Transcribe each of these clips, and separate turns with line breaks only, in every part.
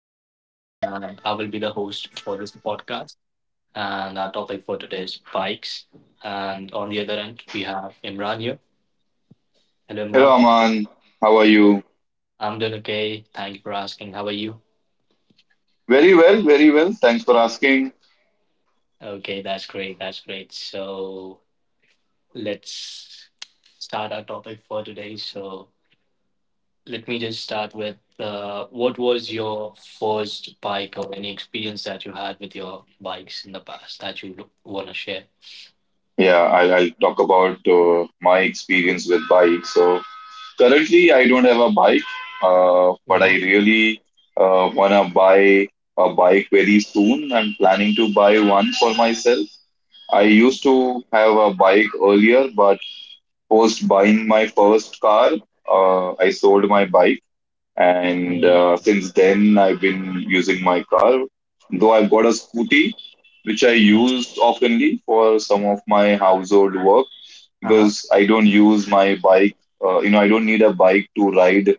this is Aman, and I will be the host for this podcast. And our topic for today is bikes. And on the other end, we have Imran here. Hello,
Hello,
Imran.
Aman. How are you?
I'm doing okay. Thank you for asking. How are you?
Very well, very well. Thanks for asking.
Okay, that's great. That's great. So, let's start our topic for today. So, let me just start with what was your first bike or any experience that you had with your bikes in the past that you want to share?
Yeah, I'll talk about my experience with bikes. So currently, I don't have a bike, but I
Mhm.
really wanna buy a bike very soon. I'm planning to buy one for myself. I used to have a bike earlier, but post buying my first car, I sold my bike and
Mhm.
since then I've been using my car. Though I've got a scooty, which I use oftenly for some of my household work
Uh-huh.
because I don't use my bike. I don't need a bike to ride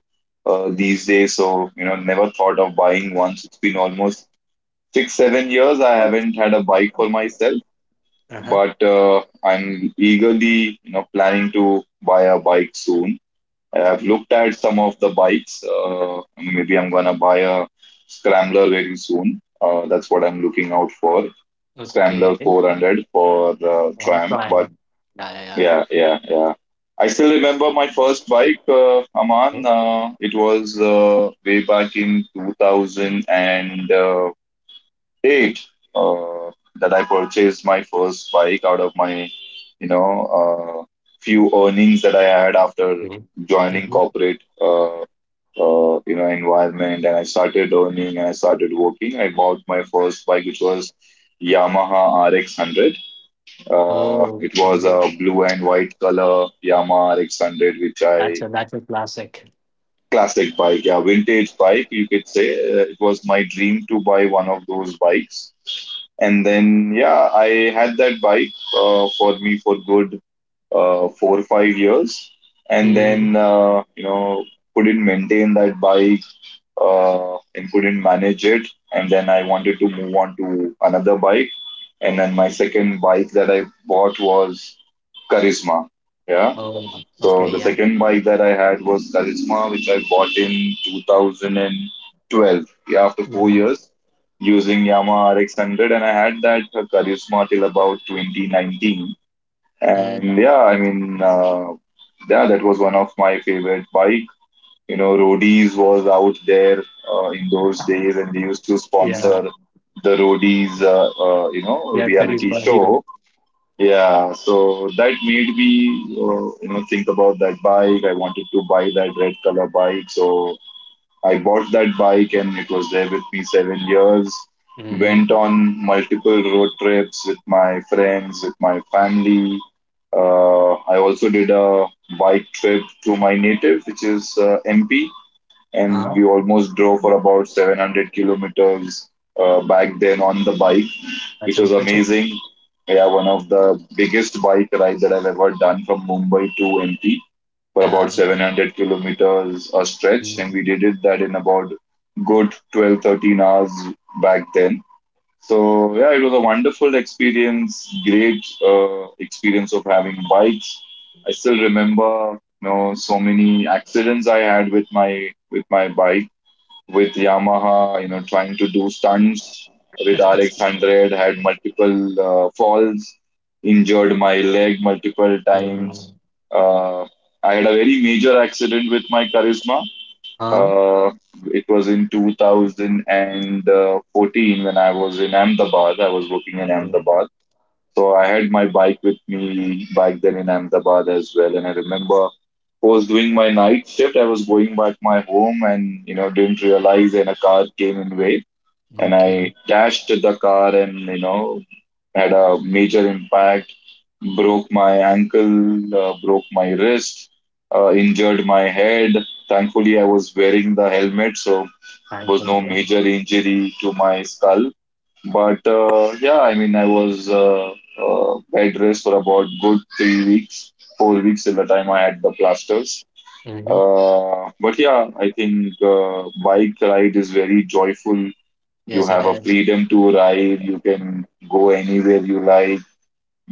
these days. So, never thought of buying one. It's been almost 6, 7 years I haven't had a bike for myself,
Uh-huh.
but I'm eagerly planning to buy a bike soon. I've looked at some of the bikes. Maybe I'm gonna buy a Scrambler very soon. That's what I'm looking out for.
Okay.
Scrambler 400 for
Long
Triumph.
time.
But
Yeah, yeah, yeah.
yeah, yeah, yeah. I still remember my first bike,
Okay.
Aman. It was way back in 2000 and eight that I purchased my first bike out of my you know uh, few earnings that I had after
Okay.
joining
Mm-hmm.
corporate environment, and I started earning and I started working. I bought my first bike, which was Yamaha RX 100.
Oh,
It
okay.
was a blue and white color Yamaha RX 100 which
That's a that's
I
a classic.
Classic bike, yeah, vintage bike, you could say. It was my dream to buy one of those bikes. And then, yeah, I had that bike for me for good 4 or 5 years. And
Mm.
then, couldn't maintain that bike and couldn't manage it. And then I wanted to move on to another bike. And then my second bike that I bought was Charisma. Yeah.
Oh, okay,
So the
yeah.
second bike that I had was Karisma, which I bought in 2012. Yeah, after four
Mm.
years using Yamaha RX 100, and I had that Karisma till about 2019.
Mm.
And yeah, I mean, yeah, that was one of my favorite bike. Roadies was out there in those days, and they used to
Yeah.
sponsor the Roadies,
Yeah,
reality
Charisma Hero.
show, yeah, so that made me think about that bike. I wanted to buy that red color bike, so I bought that bike, and it was there with me 7 years. Went
Mm-hmm.
on multiple road trips with my friends, with my family. I also did a bike trip to my native, which is MP, and we
Uh-huh.
almost drove for about 700 kilometers back then on the bike, which
That's
was
impressive.
amazing. Yeah, one of the biggest bike rides that I've ever done from Mumbai to MP for about
Yeah.
700 kilometers a stretch,
Mm.
and we did it that in about good 12, 13 hours back then. So yeah, it was a wonderful experience, great experience of having bikes. I still remember, so many accidents I had with my bike, with Yamaha, trying to do stunts with RX 100, had multiple falls, injured my leg multiple
Yeah.
times. Uh, I had a very major accident with my Charisma
Huh?
uh, it was in 2014 when I was in Ahmedabad. I was working in
Yeah.
Ahmedabad. So I had my bike with me back then in Ahmedabad as well. And I remember I was doing my night shift. I was going back my home, and didn't realize, and a car came in way, and
Okay.
I dashed the car, and had a major impact. Broke my ankle, broke my wrist, injured my head. Thankfully, I was wearing the helmet, so there was
Thankfully,
no
yeah.
major injury to my skull. But yeah, I mean, I was bed rest for about good 3 weeks, 4 weeks till the time I had the plasters.
Mm-hmm.
But yeah, I think bike ride is very joyful.
Yes,
You
it
have a
is.
freedom to ride. You can go anywhere you like,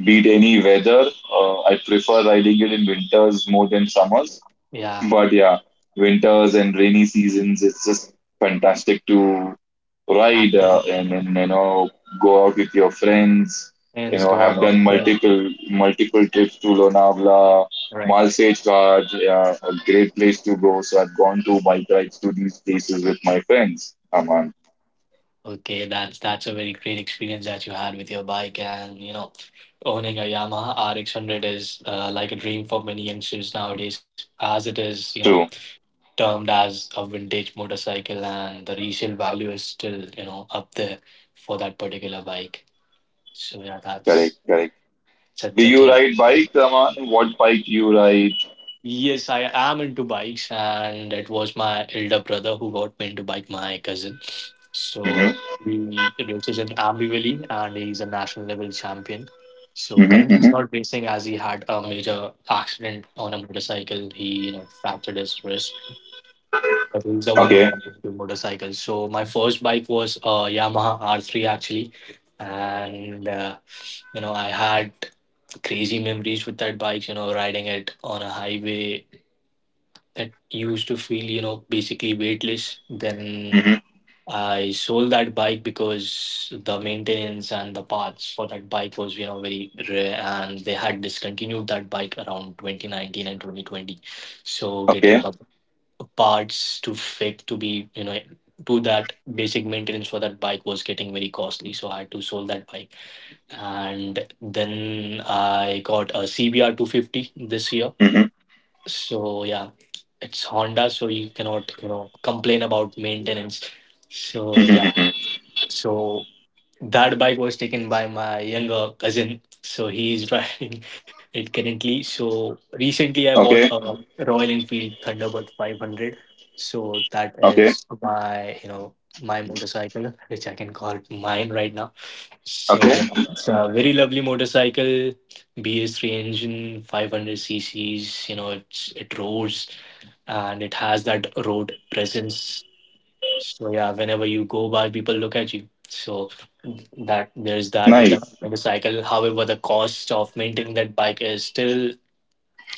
beat any weather. I prefer riding it in winters more than summers.
Yeah.
But yeah, winters and rainy seasons, it's just fantastic to ride uh, and,
Absolutely.
and you know go out with your friends. You
Hands
know,
go out
have
of
done
there.
multiple trips to Lonavala,
Right.
Malsage Ghat, yeah, a great place to go. So I've gone to bike rides to these places with my friends, Aman.
Okay, that's a very great experience that you had with your bike, and you know, owning a Yamaha RX 100 is like a dream for many youngsters nowadays, as it is, you know,
True,
termed as a vintage motorcycle, and the resale value is still, you know, up there for that particular bike. So yeah,
correct,
that's
correct. Do
such a
you
gem.
ride bike, Raman? What bike do you ride?
Yes, I am into bikes, and it was my elder brother who got me into bike, my cousin. So
Mm-hmm.
he races in Ambi Valley, and he's a national level champion. So
Mm-hmm.
currently he's
Mm-hmm.
not racing, as he had a major accident on a motorcycle. He, you know, fractured his wrist, but he's the one who
Okay.
got into motorcycles. So my first bike was a Yamaha R3 actually, and I had crazy memories with that bike. You know, riding it on a highway that used to feel basically weightless. Then
Mm-hmm.
I sold that bike, because the maintenance and the parts for that bike was very rare, and they had discontinued that bike around 2019 and 2020. So getting
Okay.
the parts to fit, to be to that basic maintenance for that bike was getting very costly, so I had to sold that bike. And then I got a CBR 250 this year.
Mm-hmm.
So yeah, it's Honda, so you cannot complain about maintenance. So
Mm-hmm.
yeah,
Mm-hmm.
so that bike was taken by my younger cousin. So he is driving it currently. So recently I bought
Okay.
a Royal Enfield Thunderbird 500. So that
Okay.
is my my motorcycle, which I can call mine right now.
Okay.
So yeah, it's a very lovely motorcycle. BS3 engine, 500 cc's. It roars, and it has that road presence. So yeah, whenever you go by, people look at you. So that there's that with the
Nice.
motorcycle. However, the cost of maintaining that bike is still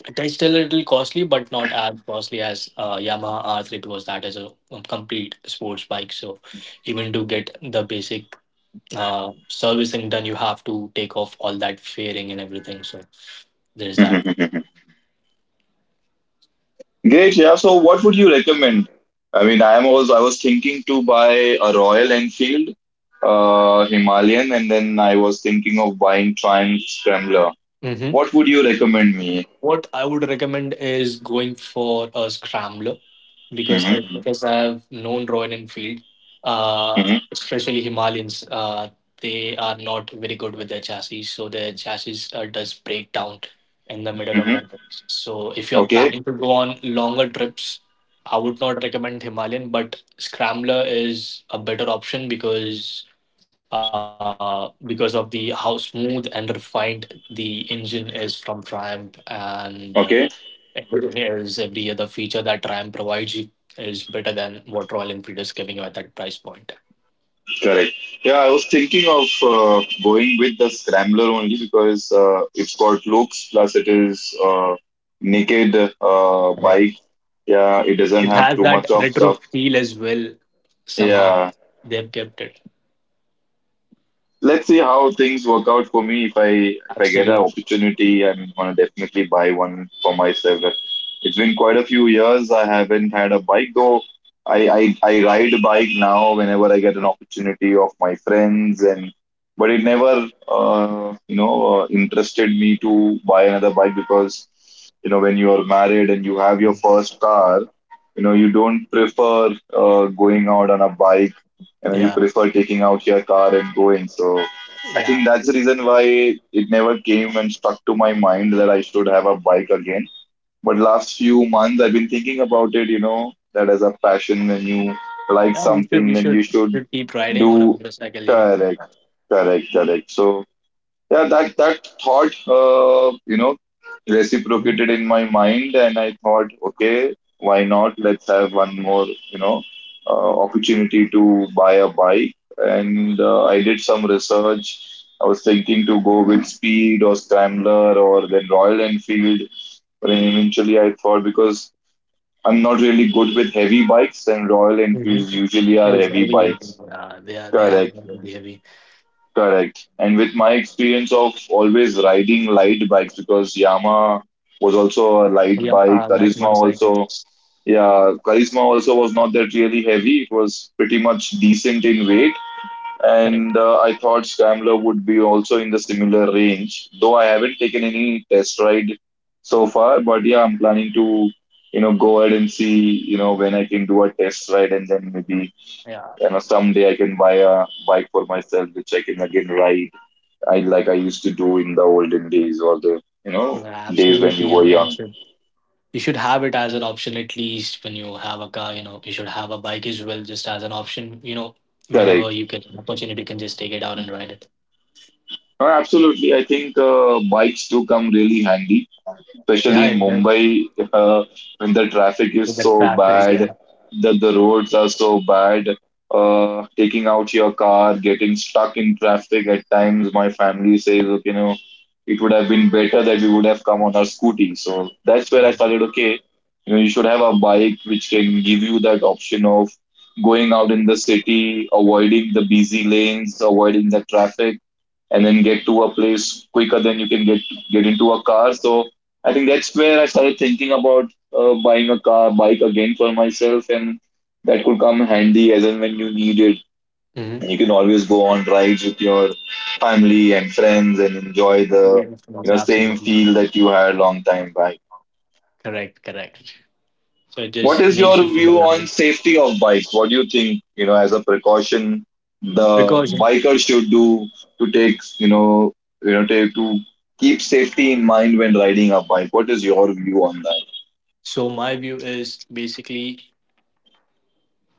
it is still a little costly, but not as costly as Yamaha R3, because that is a complete sports bike. So even to get the basic servicing done, you have to take off all that fairing and everything. So there's that.
Mhm. Great. Yeah. So, what would you recommend? I mean, I am also I was thinking to buy a Royal Enfield, Himalayan, and then I was thinking of buying Triumph Scrambler.
Mhm.
What would you recommend me?
What I would recommend is going for a scrambler, because
Mm-hmm.
as much as I've known Royal Enfield, uh,
Mm-hmm.
especially Himalayans, they are not very good with their chassis. So their chassis does break down in the middle of
Mm-hmm.
the trip. So if you are
Okay.
planning to go on longer trips, I would not recommend Himalayan, but Scrambler is a better option, because of the how smooth and refined the engine is from Triumph, and
Okay.
everything else, every other feature that Triumph provides you is better than what Royal Enfield is giving you at that price point.
Correct. Yeah, I was thinking of going with the scrambler only because it's got looks, plus it is naked
Right.
bike. Yeah, it doesn't
It
have
has
too
that
much of
retro
stuff.
feel as well. Somehow
Yeah,
they've kept it.
let's see how things work out for me. If I get an
Absolutely.
opportunity, I'm gonna definitely buy one for myself. It's been quite a few years. I haven't had a bike though. I ride a bike now whenever I get an opportunity of my friends and. But it never, interested me to buy another bike because, when you are married and you have your first car, you don't prefer going out on a bike, and you
Yeah.
prefer taking out your car and going. So I think
Yeah.
that's the reason why it never came and stuck to my mind that I should have a bike again. But last few months I've been thinking about it, that as a passion, when you like
Yeah. We should
something,
we
then you
should,
should
we should keep riding on a
do.
motorcycle.
Correct, correct, correct. So yeah, that thought uh, you know reciprocated in my mind, and I thought, okay, why not, let's have one more opportunity to buy a bike. And I did some research. I was thinking to go with speed or scrambler or then Royal Enfield, but then eventually I thought, because I'm not really good with heavy bikes, and Royal Enfields
Mm-hmm.
usually are
It's
heavy
very
bikes.
heavy. Yeah, they are they
Correct,
are very heavy.
correct. And with my experience of always riding light bikes, because Yamaha was also a light
Yeah,
bike, Charisma
like
also,
motorcycles.
yeah, Charisma also was not that really heavy. It was pretty much decent in weight.
Correct.
And I thought Scrambler would be also in the similar range, though I haven't taken any test ride so far. But yeah, I'm planning to go ahead and see, when I can do a test ride, and then maybe
Yeah.
someday I can buy a bike for myself, which I can again ride, I like I used to do in the olden days, or the
Yeah,
days when
absolutely.
you were
You
young.
should you should have it as an option at least when you have a car, you should have a bike as well, just as an option, whenever
Correct.
you get an opportunity, you can just take it out and ride it.
Absolutely, I think bikes do come really handy, especially
Yeah,
in
it does
Mumbai, uh, when the traffic is
with
so
the traffic,
bad,
yeah.
that the roads are so bad. Taking out your car, getting stuck in traffic at times. My family says, okay, it would have been better that we would have come on our scooty. So that's where I
Yeah.
started. Okay, you should have a bike which can give you that option of going out in the city, avoiding the busy lanes, avoiding the traffic, and then get to a place quicker than you can get into a car. So I think that's where I started thinking about buying a car, bike again for myself, and that could come handy as and when you need it. And you can always go on rides with your family and friends and enjoy the
Mm-hmm. Absolutely,
same
yeah.
feel that you had a long time back.
Correct, correct. So it just
What is
makes you
your
feel
view
alive.
on safety of bikes? What do you think, as a precaution the
Precaution.
biker should do to take, to keep safety in mind when riding a bike? What is your view on
So my view is basically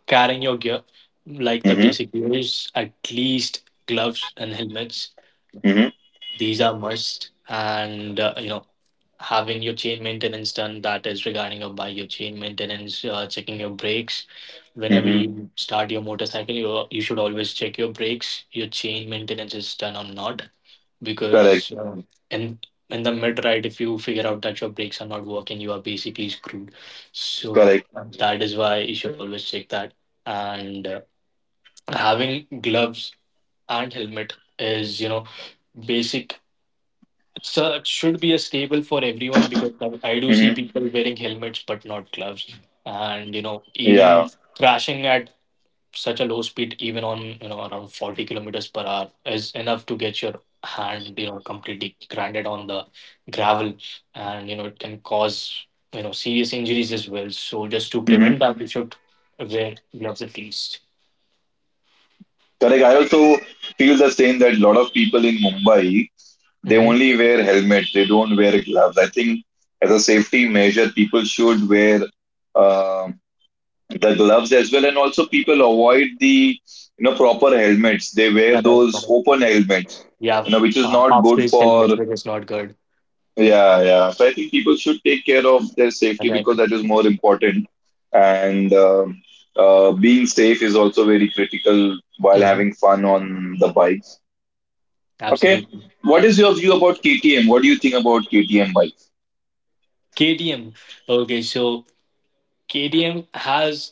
carrying your gear, like the
that?
basic gear is at least gloves and helmets.
Hmm.
These are must, and having your chain maintenance done, that is regarding your bike, your chain maintenance, checking your brakes. Whenever
Hmm.
you start your motorcycle, you should always check your brakes, your chain maintenance is done or not, because
Correct,
in in the mid ride, if you figure out that your brakes are not working, you are basically screwed. So
correct.
that is why you should always check that. And having gloves and helmet is basic, so it should be a stable for everyone, because I do see
Hmm.
people wearing helmets but not gloves, and even
Yeah.
crashing at such a low speed, even on around 40 kilometers per hour, is enough to get your hand completely grinded on the gravel, and it can cause serious injuries as well. So just to prevent
Hmm.
that, we should wear gloves at least.
Correct. I also feel the same that a lot of people in Mumbai, they
Mm-hmm.
only wear helmets, they don't wear gloves. I think as a safety measure, people should wear uh, the gloves as well, and also people avoid the proper helmets. They wear
Correct.
those
Correct.
open helmets,
Yeah,
which is not
half
good
face helmets,
for.
which is not good.
Yeah, yeah. So I think people should take care of their safety
Right.
because that is more important. And being safe is also very critical while
Hmm.
having fun on the bikes. Okay.
Absolutely.
What is your view about KTM? What do you think about KTM bikes?
KTM. Okay, so KTM has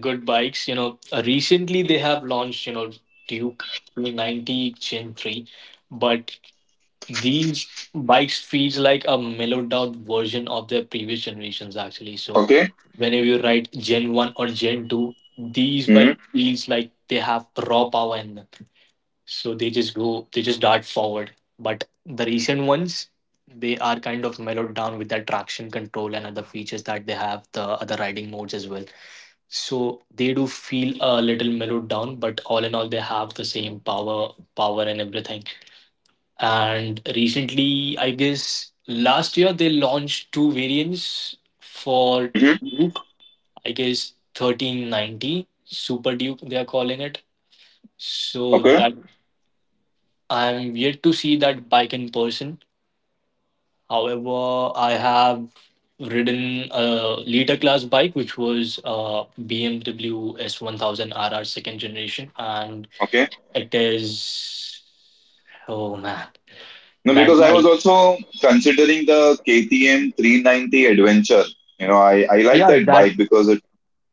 good bikes. Recently they have launched, Duke 390 Gen 3, but these bikes feels like a mellowed down version of their previous generations actually. So
Okay.
whenever you ride Gen 1 or Gen 2, these
Mm-hmm.
bike feels like they have raw power in them, so they just dart forward. But the recent ones, they are kind of mellowed down with that traction control and other features that they have, the other riding modes as well. So they do feel a little mellowed down, but all in all they have the same power and everything. And recently, I guess last year, they launched two variants for
Mm-hmm.
Duke, I guess 1390 super duke they are calling it. So
Okay.
that I'm yet to see that bike in person. However, I have ridden a liter class bike, which was BMW S1000 RR second generation, and
Okay.
it is, oh man,
No,
that
because I was
bike.
also considering the KTM 390 Adventure. I like
Yeah,
that
that
bike because it.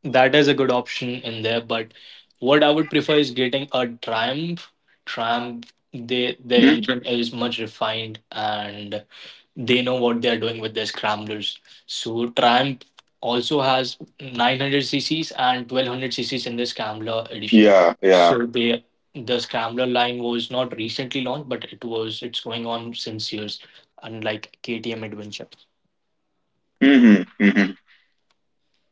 that is a good option in there. But what I would prefer is getting a Triumph. Triumph, they the
Hmm.
engine is much refined, and they know what they are doing with their scramblers. So Triumph also has 900 cc's and 1200 cc's in the scrambler edition.
Yeah. Yeah.
So they the scrambler line was not recently launched, but it's going on since years, unlike KTM Adventure.
Mm-hmm. Mm-hmm.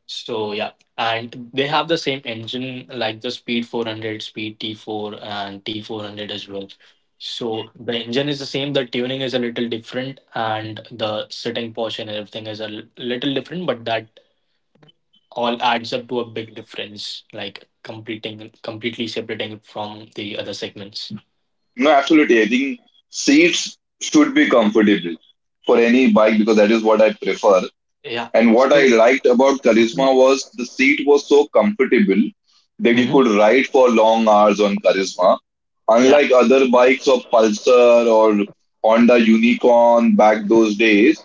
So yeah, and they have the same engine like the Speed 400, Speed T4, and T400 as well. So the engine is the same, the tuning is a little different, and the sitting posture and everything is a little different, but that all adds up to a big difference, like completing completely separating it from the other segments.
No, absolutely. I think seats should be comfortable for any bike because that is what I prefer.
Yeah.
And what I
So,
liked about Charisma was the seat was so comfortable that you
Mhm.
could ride for long hours on Charisma.
yeah.
Unlike other bikes of Pulsar or Honda Unicorn back those days,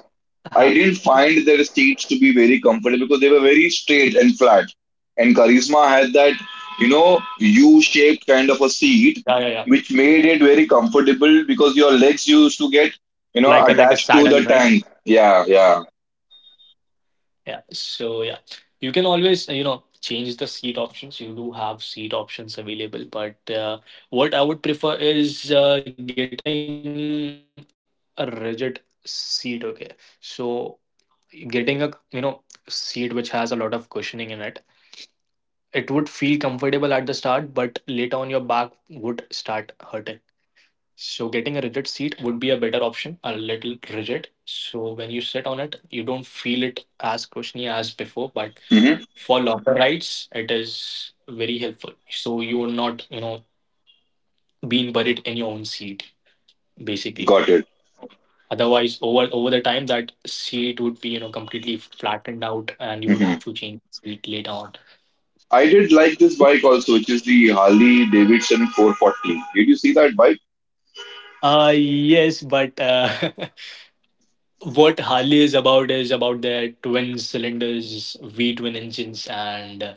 I
Uh-huh.
didn't find their seats to be very comfortable because they were very straight and flat. And Karisma had that, you know, U shaped kind of a seat,
Yeah, yeah, yeah.
which made it very comfortable because your legs used to get, you know,
Like a
attached to
saddle,
the
right?
tank. Yeah, yeah.
Yeah. So yeah, you can always change the seat options. You do have seat options available, but what I would prefer is getting a rigid seat. Okay, so getting a seat which has a lot of cushioning in it. It would feel comfortable at the start, but later on your back would start hurting. So getting a rigid seat would be a better option, a little rigid. So when you sit on it, you don't feel it as cushiony as before, but
Hmm.
for longer rides it is very helpful, so you will not being buried in your own seat basically.
Got it.
Otherwise over the time that seat would be completely flattened out, and you
Hmm.
would have to change seat later on.
I did like this bike also, which is the Harley Davidson 440. Did you see that bike?
Yes, but what Harley is about their twin cylinders, V twin engines, and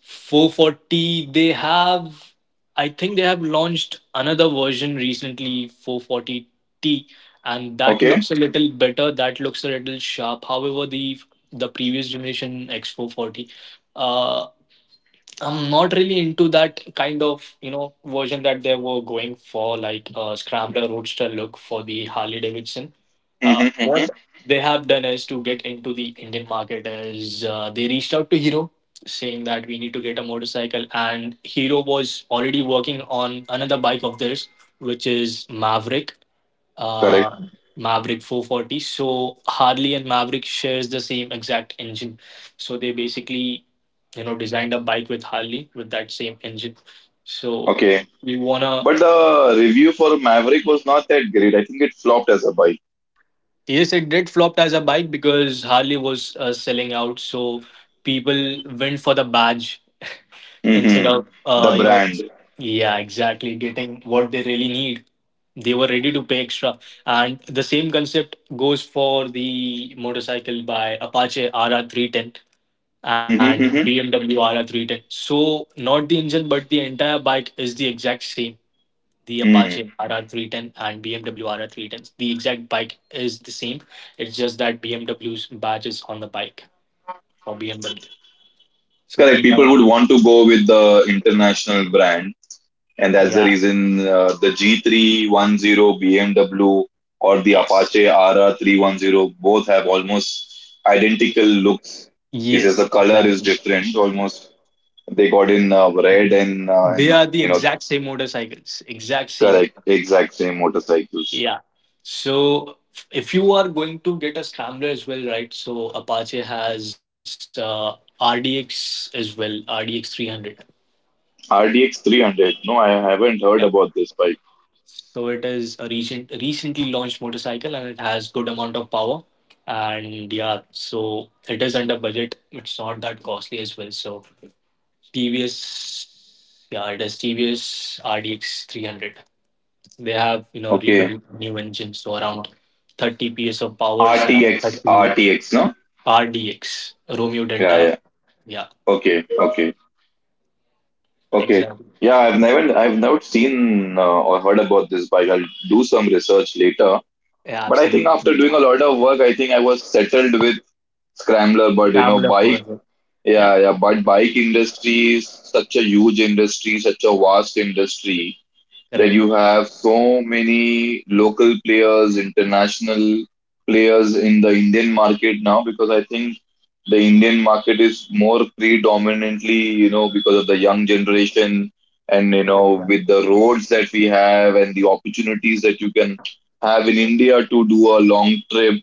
440. They have, I think, they have launched another version recently, 440T, and that
Okay.
looks a little better. That looks a little sharp. However, the previous generation X440. I'm not really into that kind of version that they were going for, like scrambler roadster look for the Harley Davidson.
Hmm.
What
Hmm.
they have done is to get into the Indian market is they reached out to Hero saying that we need to get a motorcycle, and Hero was already working on another bike of theirs, which is Maverick.
Correct.
Uh, Maverick 440. So Harley and Maverick shares the same exact engine. So they basically designed a bike with Harley with that same engine, so
Okay.
we wanna
But the review for Maverick was not that great. I think it flopped as a bike.
yes, it did flopped as a bike, because Harley was selling out. So people went for the badge instead
Hmm.
of
The brand.
yeah, exactly, getting what they really need. They were ready to pay extra, and the same concept goes for the motorcycle by Apache RR310 and
Hmm. Hmm.
BMW RR310, so not the engine but the entire bike is the exact same. The
Hmm.
Apache RR310 and BMW RR310s. The exact bike is the same. It's just that BMW's badge is on the bike for BMW. So
Correct. People
people,
would want to go with the international brand,
yeah,
and that's the reason the G310 BMW or the
yes,
Apache R 310 both have almost identical looks. It's just
yes,
the color is
exactly.
different. Almost they got in red
They
and
are the
you know
exact same motorcycles, exact same.
correct exact same motorcycles.
Yeah. So if you are going to get a scrambler as well, right? So Apache has RDX as well, RDX 300.
RTX 300. No, I haven't heard about this bike.
So it is a recently launched motorcycle, and it has good amount of power. And yeah, so it is under budget. It's not that costly as well. So TVS, yeah, it is TVS RDX 300. They have, you know,
Okay,
rebuilt new engines, so around 30 PS of powers and
RTX
30
RTX. No.
RDX, Romeo
Yeah,
Delta.
yeah.
Yeah,
Okay, okay, okay.
exactly.
Yeah, I've never seen or heard about this bike. I'll do some research later.
Yeah,
But I think
absolutely.
after doing a lot of work, I think I was settled with Scrambler. But you know,
Rammed up
bike,
for it. Yeah,
yeah, yeah. But bike industry is such a huge industry, such a vast industry that you
correct.
have so many local players, international players in the Indian market now because I think the Indian market is more predominantly, you know, because of the young generation and, you know, with the roads that we have and the opportunities that you can have in India to do a long trip.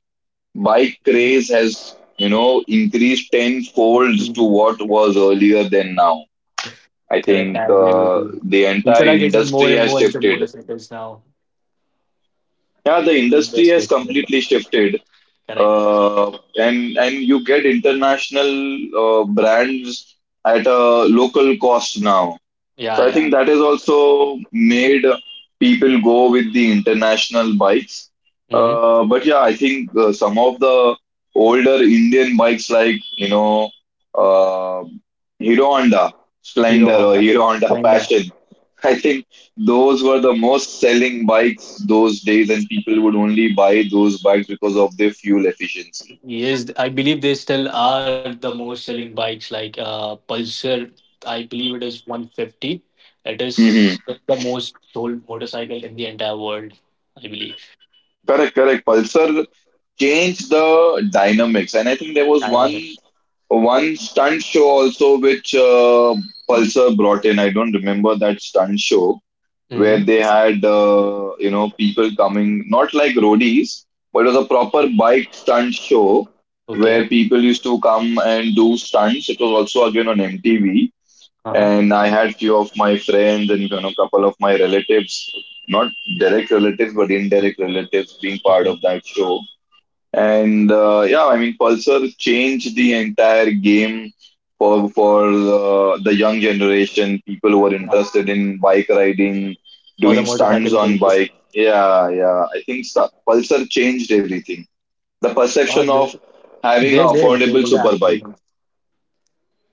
Bike
Correct.
craze has, you know, increased tenfolds to what was earlier than now. I
Correct,
think
I agree with you.
the
People
entire
are getting more
industry
and
has
more into
shifted.
motorcycles now.
Yeah, the
I mean, they're
industry has
switching.
completely shifted,
Correct.
uh, and you get international brands at a local cost now.
Yeah,
So I
yeah.
think that has also made people go with the international bikes.
Mm-hmm.
But yeah, I think some of the older Indian bikes like, you know, uh, Hero Honda
Hero
Splendor or
Honda,
Hero Honda
Honda.
Passion, I think those were the most selling bikes those days, and people would only buy those bikes because of their fuel efficiency.
Yes, I believe they still are the most selling bikes. Like Pulsar, I believe it is 150. It is
Hmm.
the most sold motorcycle in the entire world. I believe.
Correct, correct. Pulsar changed the dynamics, and I think there
I
was
know it.
one stunt show also, which Pulsar brought in. I don't remember that stunt show where
Mm-hmm.
they had you know people coming, not like roadies, but it was a proper bike stunt show
Okay.
where people used to come and do stunts. It was also again on MTV,
Uh huh.
and I had few of my friends and you know couple of my relatives, not direct relatives but indirect relatives, being part
Okay.
of that show and yeah, I mean, Pulsar changed the entire game for the young generation, people who are
Yeah.
interested in bike riding,
For the
doing stunts
motorcycle
on
culture.
bike. Yeah, yeah. I think Pulsar changed everything. The
Yeah,
perception
they
of having an
they did. They
affordable
did
super bike.
actually.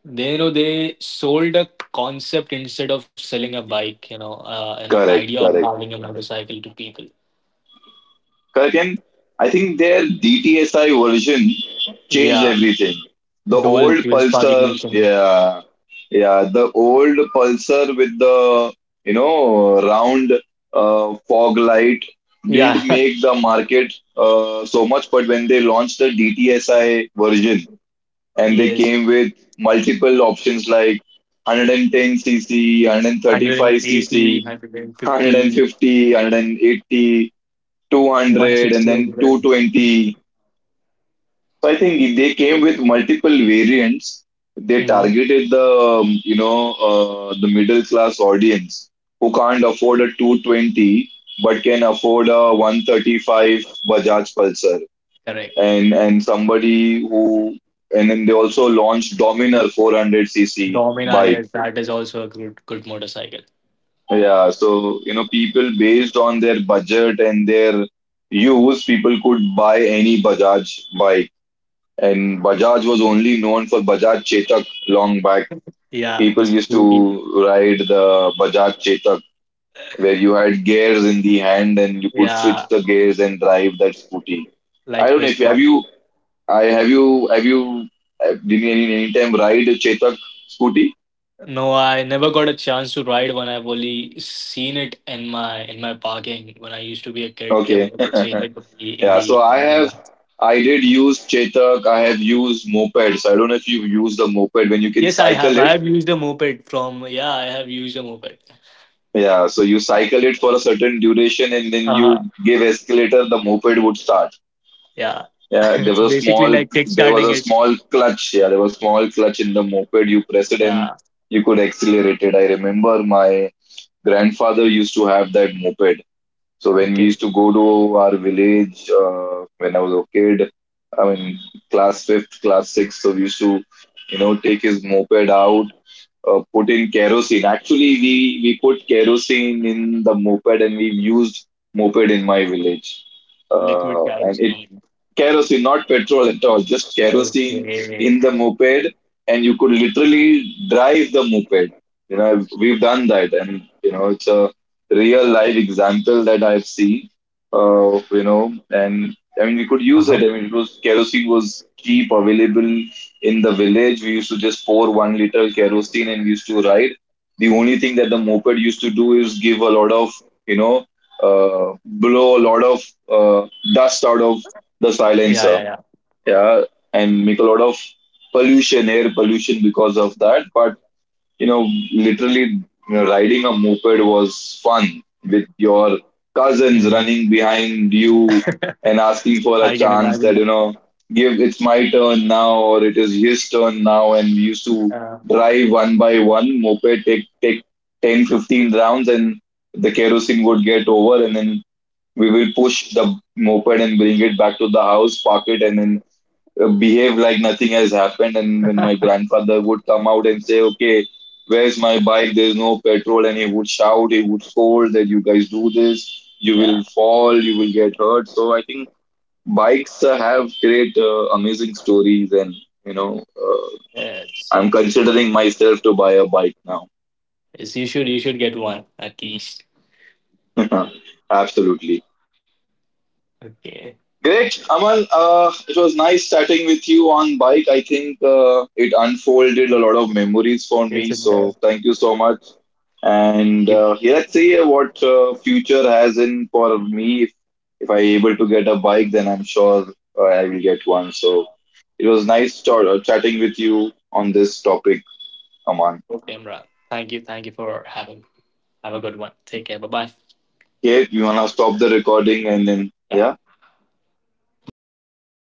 They sold a concept instead of selling a bike, an idea
Correct,
of having
correct.
a motorcycle to people.
Again, I think their DTSI version changed
Yeah,
everything. The
dual
old
fuel spark
Pulsar,
ignition.
yeah, yeah, the old Pulsar with the you know round fog light
Yeah,
didn't make the market so much. But when they launched the DTSI version and they
yes,
came with multiple options like 110 cc,
180,
135 cc,
150,
150, 180, 200
160
and
as
then
well.
220. So I think they came with multiple variants. They
Mm-hmm.
targeted the you know the middle class audience who can't afford a 220 but can afford a 135 Bajaj Pulsar.
Correct.
And somebody who and then they also launched Dominer 400 cc
Domain
bike.
RS, that is also a good motorcycle.
Yeah, so you know people based on their budget and their use, people could buy any Bajaj bike. And Bajaj was only known for Bajaj Chetak long back.
Yeah,
People
the
used to
Scooty.
ride the Bajaj Chetak where you had gears in the hand and you could switch
Yeah,
the gears and drive that scooty. I
like
don't know if have
Vespa.
you I have you did you any time ride a Chetak scooty?
No, I never got a chance to ride one. I've only seen it in my parking when I used to be a kid. They
Okay.
would say that in
yeah,
the
so I
in
have
the-
I did use Chetak, I have used mopeds. I don't know if you've used the moped when you can
yes, I
cycle
have. I
it.
have used a moped from yeah, I have used a moped.
Yeah, so you cycle it for a certain duration and then you
Uh-huh.
give escalator, the moped would start.
Yeah.
Yeah,
It's basically like
there was
kickstarting
a
it.
small clutch. Yeah, there was small clutch in the moped. You press it and
Yeah.
you could accelerate it. I remember my grandfather used to have that moped so when we
Okay.
used to go to our village when I was a kid, I mean class fifth, class sixth, so we used to, you know, take his moped out, put in kerosene. Actually, we put kerosene in the moped and we used moped in my village,
Liquid
and
kerosene.
kerosene, not petrol at all, just kerosene
Okay.
in the moped, and you could literally drive the moped. You know, we've done that, and you know, it's a real life example that I've seen. You know, and I mean, we could use it.
Uh-huh.
I mean, it was kerosene was cheap, available in the village. We used to just pour 1 liter kerosene, and we used to ride. The only thing that the moped used to do is give a lot of, you know, blow a lot of uh, dust out of the
Yeah, yeah, yeah.
silencer. Yeah, and make a lot of pollution, air pollution because of that. But you know, literally, you know, riding a moped was fun with your cousins
Mhm.
running behind you and asking for
I
a
can
chance that
imagine.
you know, give it's my turn now or it is his turn now. And we used to
Uh,
drive one by one moped, take 10 15 rounds, and the kerosene would get over, and then we will push the moped and bring it back to the house, park it, and then behave like nothing has happened. And when
yeah.
my grandfather would come out and say, "Okay, where's my bike? There's no petrol," and he would shout, he would scold that you guys do this, you will
yeah.
fall, you will get hurt. So I think bikes have great, amazing stories, and you know,
It's
I'm considering
absolutely.
myself to buy a bike now.
Yes, you should get one at least.
Absolutely.
Okay.
Great, Aman. It was nice chatting with you on bike. I think it unfolded a lot of memories for me.
It's a
So
best
thank you so much. And
giver.
yeah, let's see what future has in for me. If I able to get a bike, then I'm sure I will get one. So it was nice chatting with you on this topic, Aman.
Okay, Imran. Thank you. Thank you for having. Have a good one. Take care. Bye bye.
Okay, you wanna stop the recording and then
Yeah.
yeah.